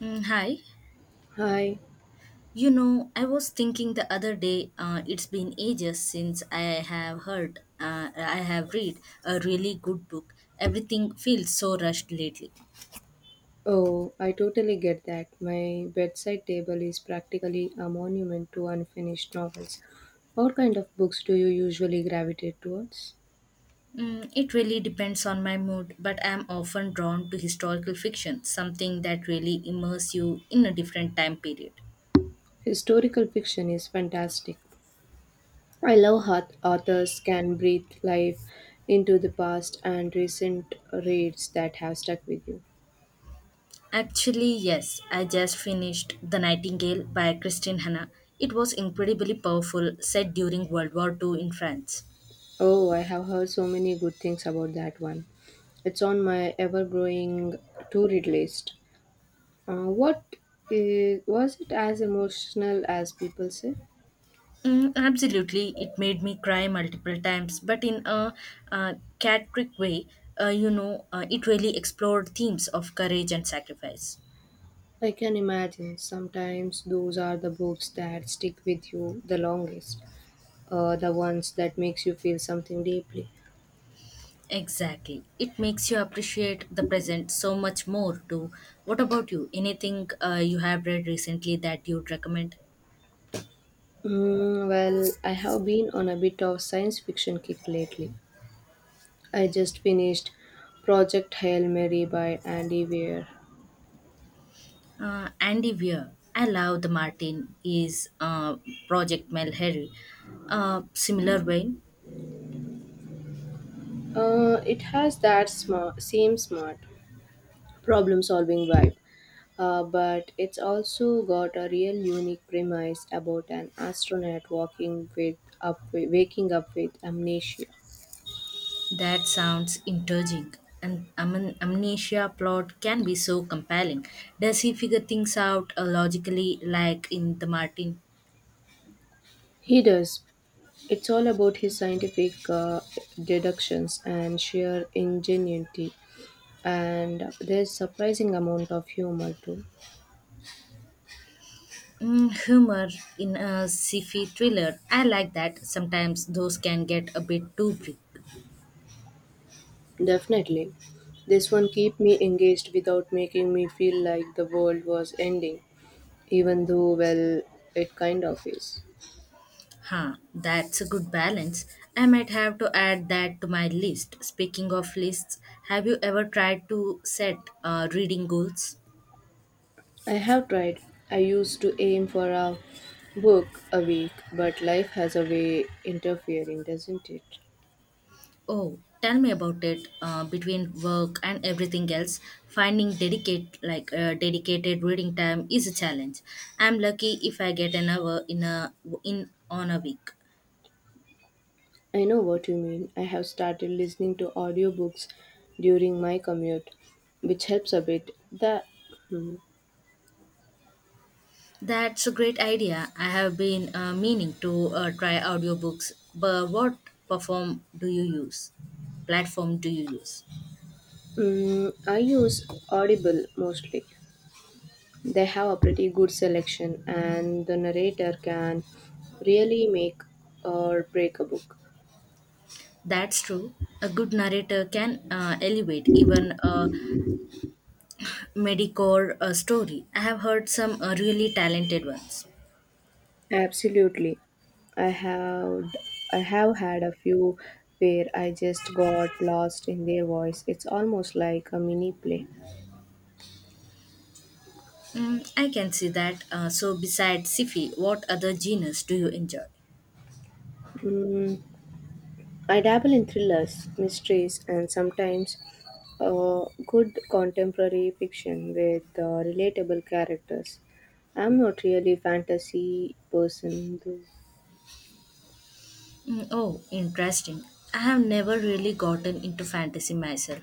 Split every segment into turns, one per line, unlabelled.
Hi.
Hi.
I was thinking the other day, it's been ages since I have read a really good book. Everything feels so rushed lately.
Oh, I totally get that. My bedside table is practically a monument to unfinished novels. What kind of books do you usually gravitate towards?
It really depends on my mood, but I'm often drawn to historical fiction, something that really immerses you in a different time period.
Historical fiction is fantastic. I love how authors can breathe life into the past and recent reads that have stuck with you.
Actually, yes, I just finished The Nightingale by Christine Hanna. It was incredibly powerful, set during World War II in France.
Oh, I have heard so many good things about that one. It's on my ever growing to read list. Uh, what was it as emotional as people say?
Absolutely, it made me cry multiple times, but in a uh, Catrick way. It really explored themes of courage and sacrifice.
I can imagine sometimes those are the books that stick with you the longest, the ones that makes you feel something deeply.
Exactly, it makes you appreciate the present so much more too. What about you? Anything you have read recently that you'd recommend?
Well, I have been on a bit of science fiction kick lately. I just finished Project Hail Mary by Andy Weir.
Andy Weir. I love the Martin is Project Mel Harry. Similar vein.
It has that same smart problem solving vibe, but it's also got a real unique premise about an astronaut walking with up waking up with amnesia.
That sounds intriguing. An amnesia plot can be so compelling. Does he figure things out logically, like in the Martin?
He does. It's all about his scientific deductions and sheer ingenuity, and there's surprising amount of humor too.
Humor in a sci-fi thriller. I like that. Sometimes those can get a bit too big.
Definitely, this one keep me engaged without making me feel like the world was ending, even though well, it kind of is.
Huh, that's a good balance. I might have to add that to my list. Speaking of lists, have you ever tried to set reading goals?
I have tried. I used to aim for a book a week, but life has a way interfering, doesn't it?
Oh, tell me about it. Between work and everything else, finding dedicated reading time is a challenge. I'm lucky if I get an hour in on a week.
I know what you mean. I have started listening to audiobooks during my commute, which helps a bit. The hmm.
That's a great idea. I have been meaning to try audiobooks, but what perform do you use? Platform do you use?
I use Audible mostly. They have a pretty good selection and the narrator can really make or break a book.
That's true. A good narrator can elevate even a mediocre story. I have heard some really talented ones.
Absolutely. I have I have had a few where I just got lost in their voice. It's almost like a mini play.
I can see that. So, besides sci-fi, what other genres do you enjoy?
Mm, I dabble in thrillers, mysteries, and sometimes good contemporary fiction with relatable characters. I'm not really a fantasy person though.
Oh, interesting. I have never really gotten into fantasy myself.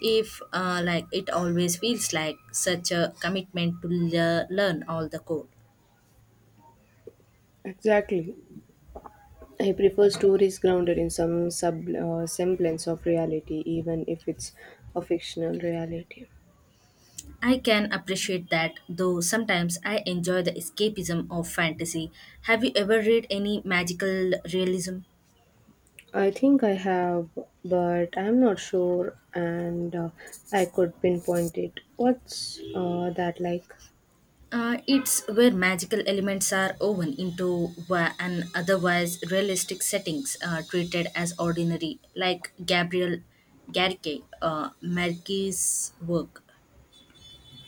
If like it always feels like such a commitment to learn all the code.
Exactly. I prefer stories grounded in some semblance of reality, even if it's a fictional reality.
I can appreciate that, though sometimes I enjoy the escapism of fantasy. Have you ever read any magical realism?
I think I have, but I'm not sure, and I could pinpoint it. What's that like?
It's where magical elements are woven into an otherwise realistic settings treated as ordinary, like Gabriel Garke, Marquis' work.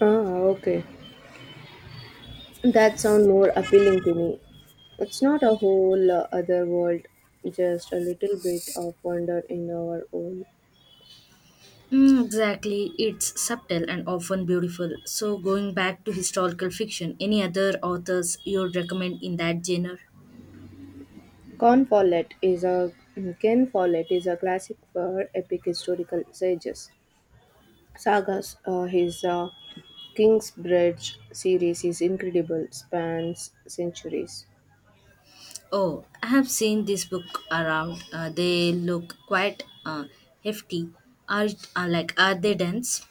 Ah, okay. That sounds more appealing to me. It's not a whole other world, just a little bit of wonder in our own.
Exactly, it's subtle and often beautiful. So, going back to historical fiction, any other authors you'd recommend in that genre?
Con Follett is a Ken Follett is a classic for epic historical sages. Sagas, his Kingsbridge series is incredible, spans centuries.
Oh, I have seen this book around. They look quite hefty. Are are they dense?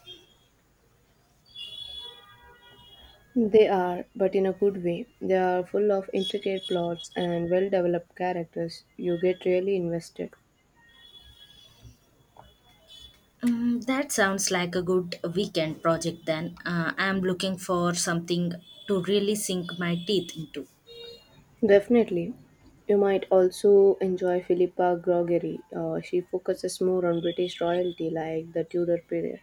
They are, but in a good way. They are full of intricate plots and well developed characters. You get really invested.
That sounds like a good weekend project then. I'm looking for something to really sink my teeth into.
Definitely. You might also enjoy Philippa Gregory. She focuses more on British royalty, like the Tudor period.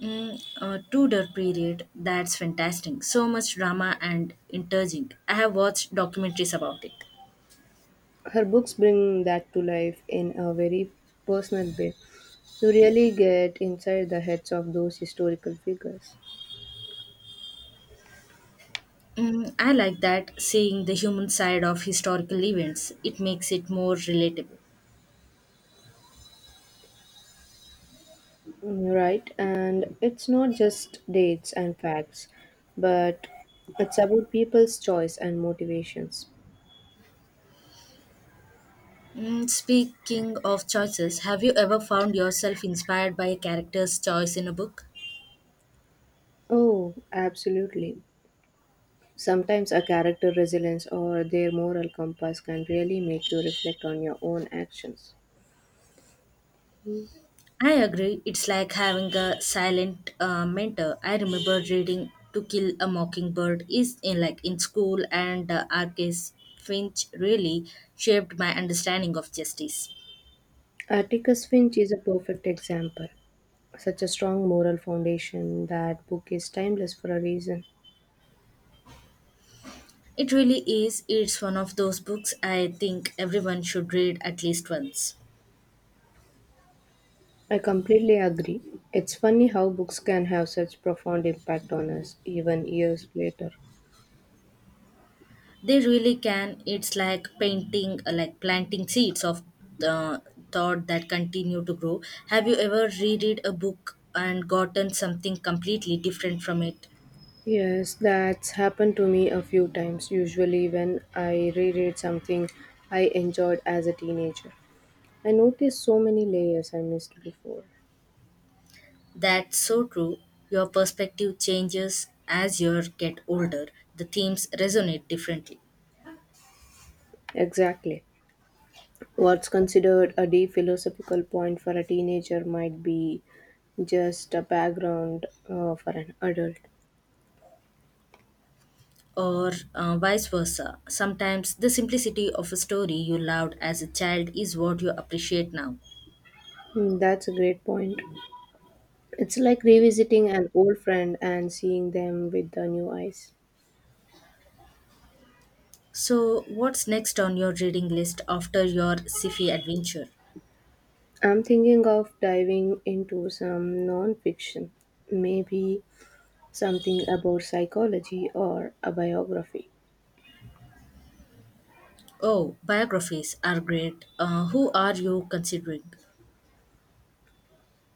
Tudor period, that's fantastic. So much drama and intriguing. I have watched documentaries about it.
Her books bring that to life in a very personal way. You really get inside the heads of those historical figures.
I like that, seeing the human side of historical events. It makes it more relatable.
Right, and it's not just dates and facts, but it's about people's choice and motivations.
Speaking of choices, have you ever found yourself inspired by a character's choice in a book?
Oh, absolutely. Sometimes a character resilience or their moral compass can really make you reflect on your own actions. Mm.
I agree. It's like having a silent mentor. I remember reading To Kill a Mockingbird is in like in school, and R.K.'s Finch really shaped my understanding of justice.
Atticus Finch is a perfect example. Such a strong moral foundation. That book is timeless for a reason.
It really is. It's one of those books I think everyone should read at least once.
I completely agree. It's funny how books can have such profound impact on us even years later.
They really can. It's like like planting seeds of uh, thought that continue to grow. Have you ever reread a book and gotten something completely different from it?
Yes, that's happened to me a few times. Usually, when I reread something I enjoyed as a teenager, I notice so many layers I missed before.
That's so true. Your perspective changes as you get older. The themes resonate differently,
Exactly. What's considered a deep philosophical point for a teenager might be just a background for an adult.
or vice versa. Sometimes the simplicity of a story you loved as a child is what you appreciate now.
That's a great point. It's like revisiting an old friend and seeing them with the new eyes.
So, what's next on your reading list after your sci-fi adventure?
I'm thinking of diving into some non-fiction, maybe something about psychology or a biography.
Oh, biographies are great. Who are you considering?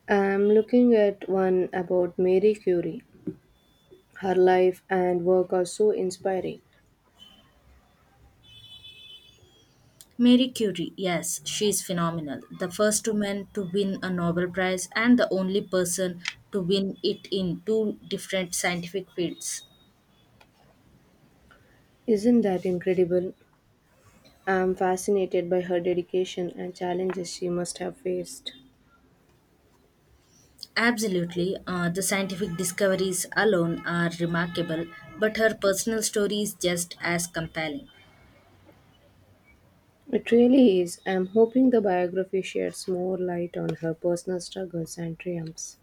I'm looking at one about Marie Curie. Her life and work are so inspiring.
Marie Curie, yes, she is phenomenal. The first woman to win a Nobel Prize and the only person to win it in two different scientific fields.
Isn't that incredible? I'm fascinated by her dedication and challenges she must have faced.
Absolutely, the scientific discoveries alone are remarkable, but her personal story is just as compelling.
It really is. I am hoping the biography sheds more light on her personal struggles and triumphs.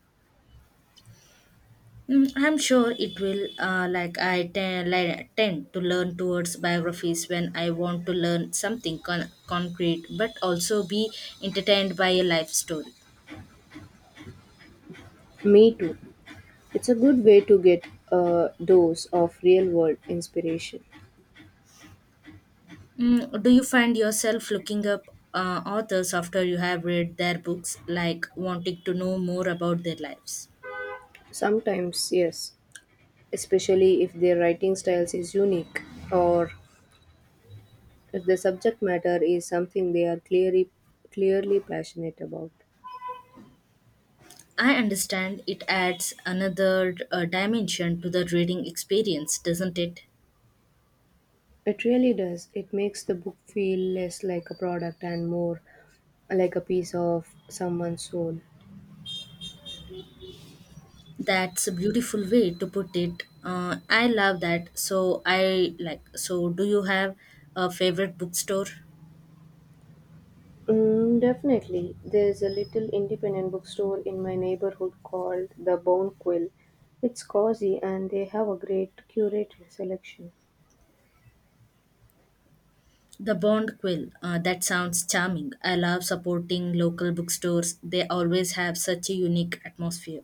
I'm sure it will. Like, I tend to learn towards biographies when I want to learn something concrete, but also be entertained by a life story.
Me too. It's a good way to get a dose of real world inspiration.
Do you find yourself looking up authors after you have read their books, like wanting to know more about their lives?
Sometimes, yes, especially if their writing styles is unique or if the subject matter is something they are clearly passionate about.
I understand it adds another dimension to the reading experience, doesn't it?
It really does. It makes the book feel less like a product and more like a piece of someone's soul.
That's a beautiful way to put it. I love that. So I like. So do you have a favorite bookstore?
Definitely. There's a little independent bookstore in my neighborhood called The Bone Quill. It's cozy and they have a great curated selection.
The Bond Quill. That sounds charming. I love supporting local bookstores. They always have such a unique atmosphere.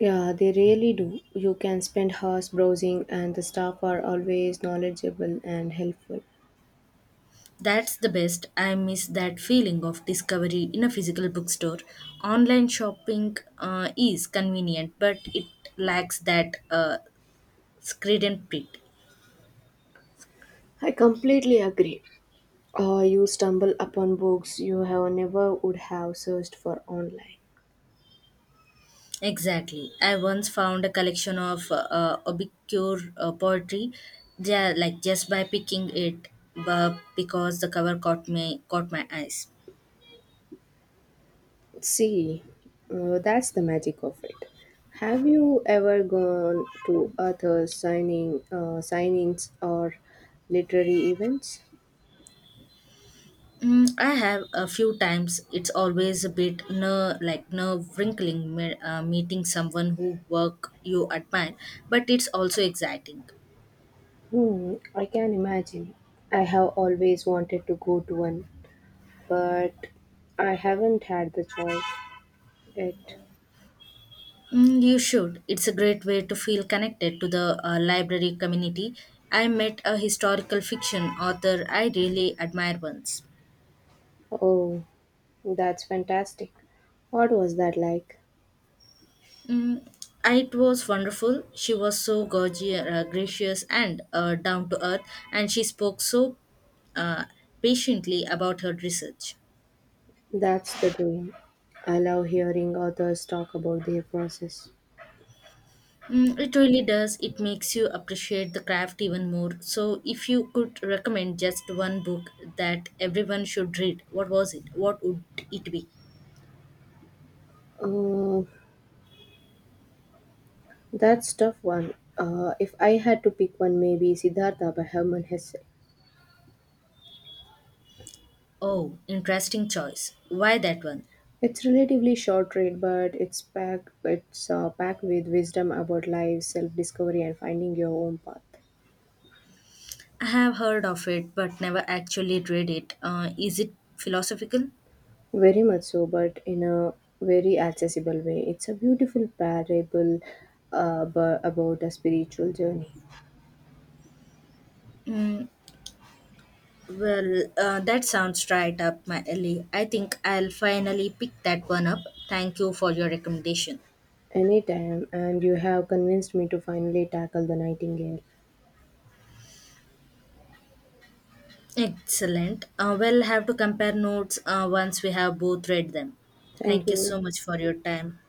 Yeah, they really do. You can spend hours browsing, and the staff are always knowledgeable and helpful.
That's the best. I miss that feeling of discovery in a physical bookstore. Online shopping is convenient, but it lacks that screed and print.
I completely agree. You stumble upon books you have never would have searched for online.
Exactly. I once found a collection of obscure poetry, yeah, like just by picking it, but because the cover caught my eyes.
See, that's the magic of it. Have you ever gone to author signing signings or literary events?
I have a few times. It's always a bit nerve wrinkling meeting someone who work you admire, but it's also exciting.
Hmm, I can imagine. I have always wanted to go to one, but I haven't had the choice yet.
You should. It's a great way to feel connected to the library community. I met a historical fiction author I really admire once.
Oh, that's fantastic. What was that like?
Mm, it was wonderful. She was so gracious, and down to earth, and she spoke so uh, patiently about her research.
That's the dream. I love hearing authors talk about their process.
It really does. It makes you appreciate the craft even more. So, if you could recommend just one book that everyone should read, what was it? What would it be?
Uh, That's tough one. If I had to pick one, maybe Siddhartha by Hermann Hesse.
Oh, interesting choice. Why that one?
It's relatively short read, but it's packed with wisdom about life, self-discovery, and finding your own path.
I have heard of it but never actually read it. Is it philosophical?
Very much so, but in a very accessible way. It's a beautiful parable about a spiritual journey.
Mm, well, that sounds right up my alley. I think I'll finally pick that one up. Thank you for your recommendation.
Anytime, and you have convinced me to finally tackle the nightingale.
Excellent. We'll have to compare notes once we have both read them.
Thank
Thank you
you.
so much for your time.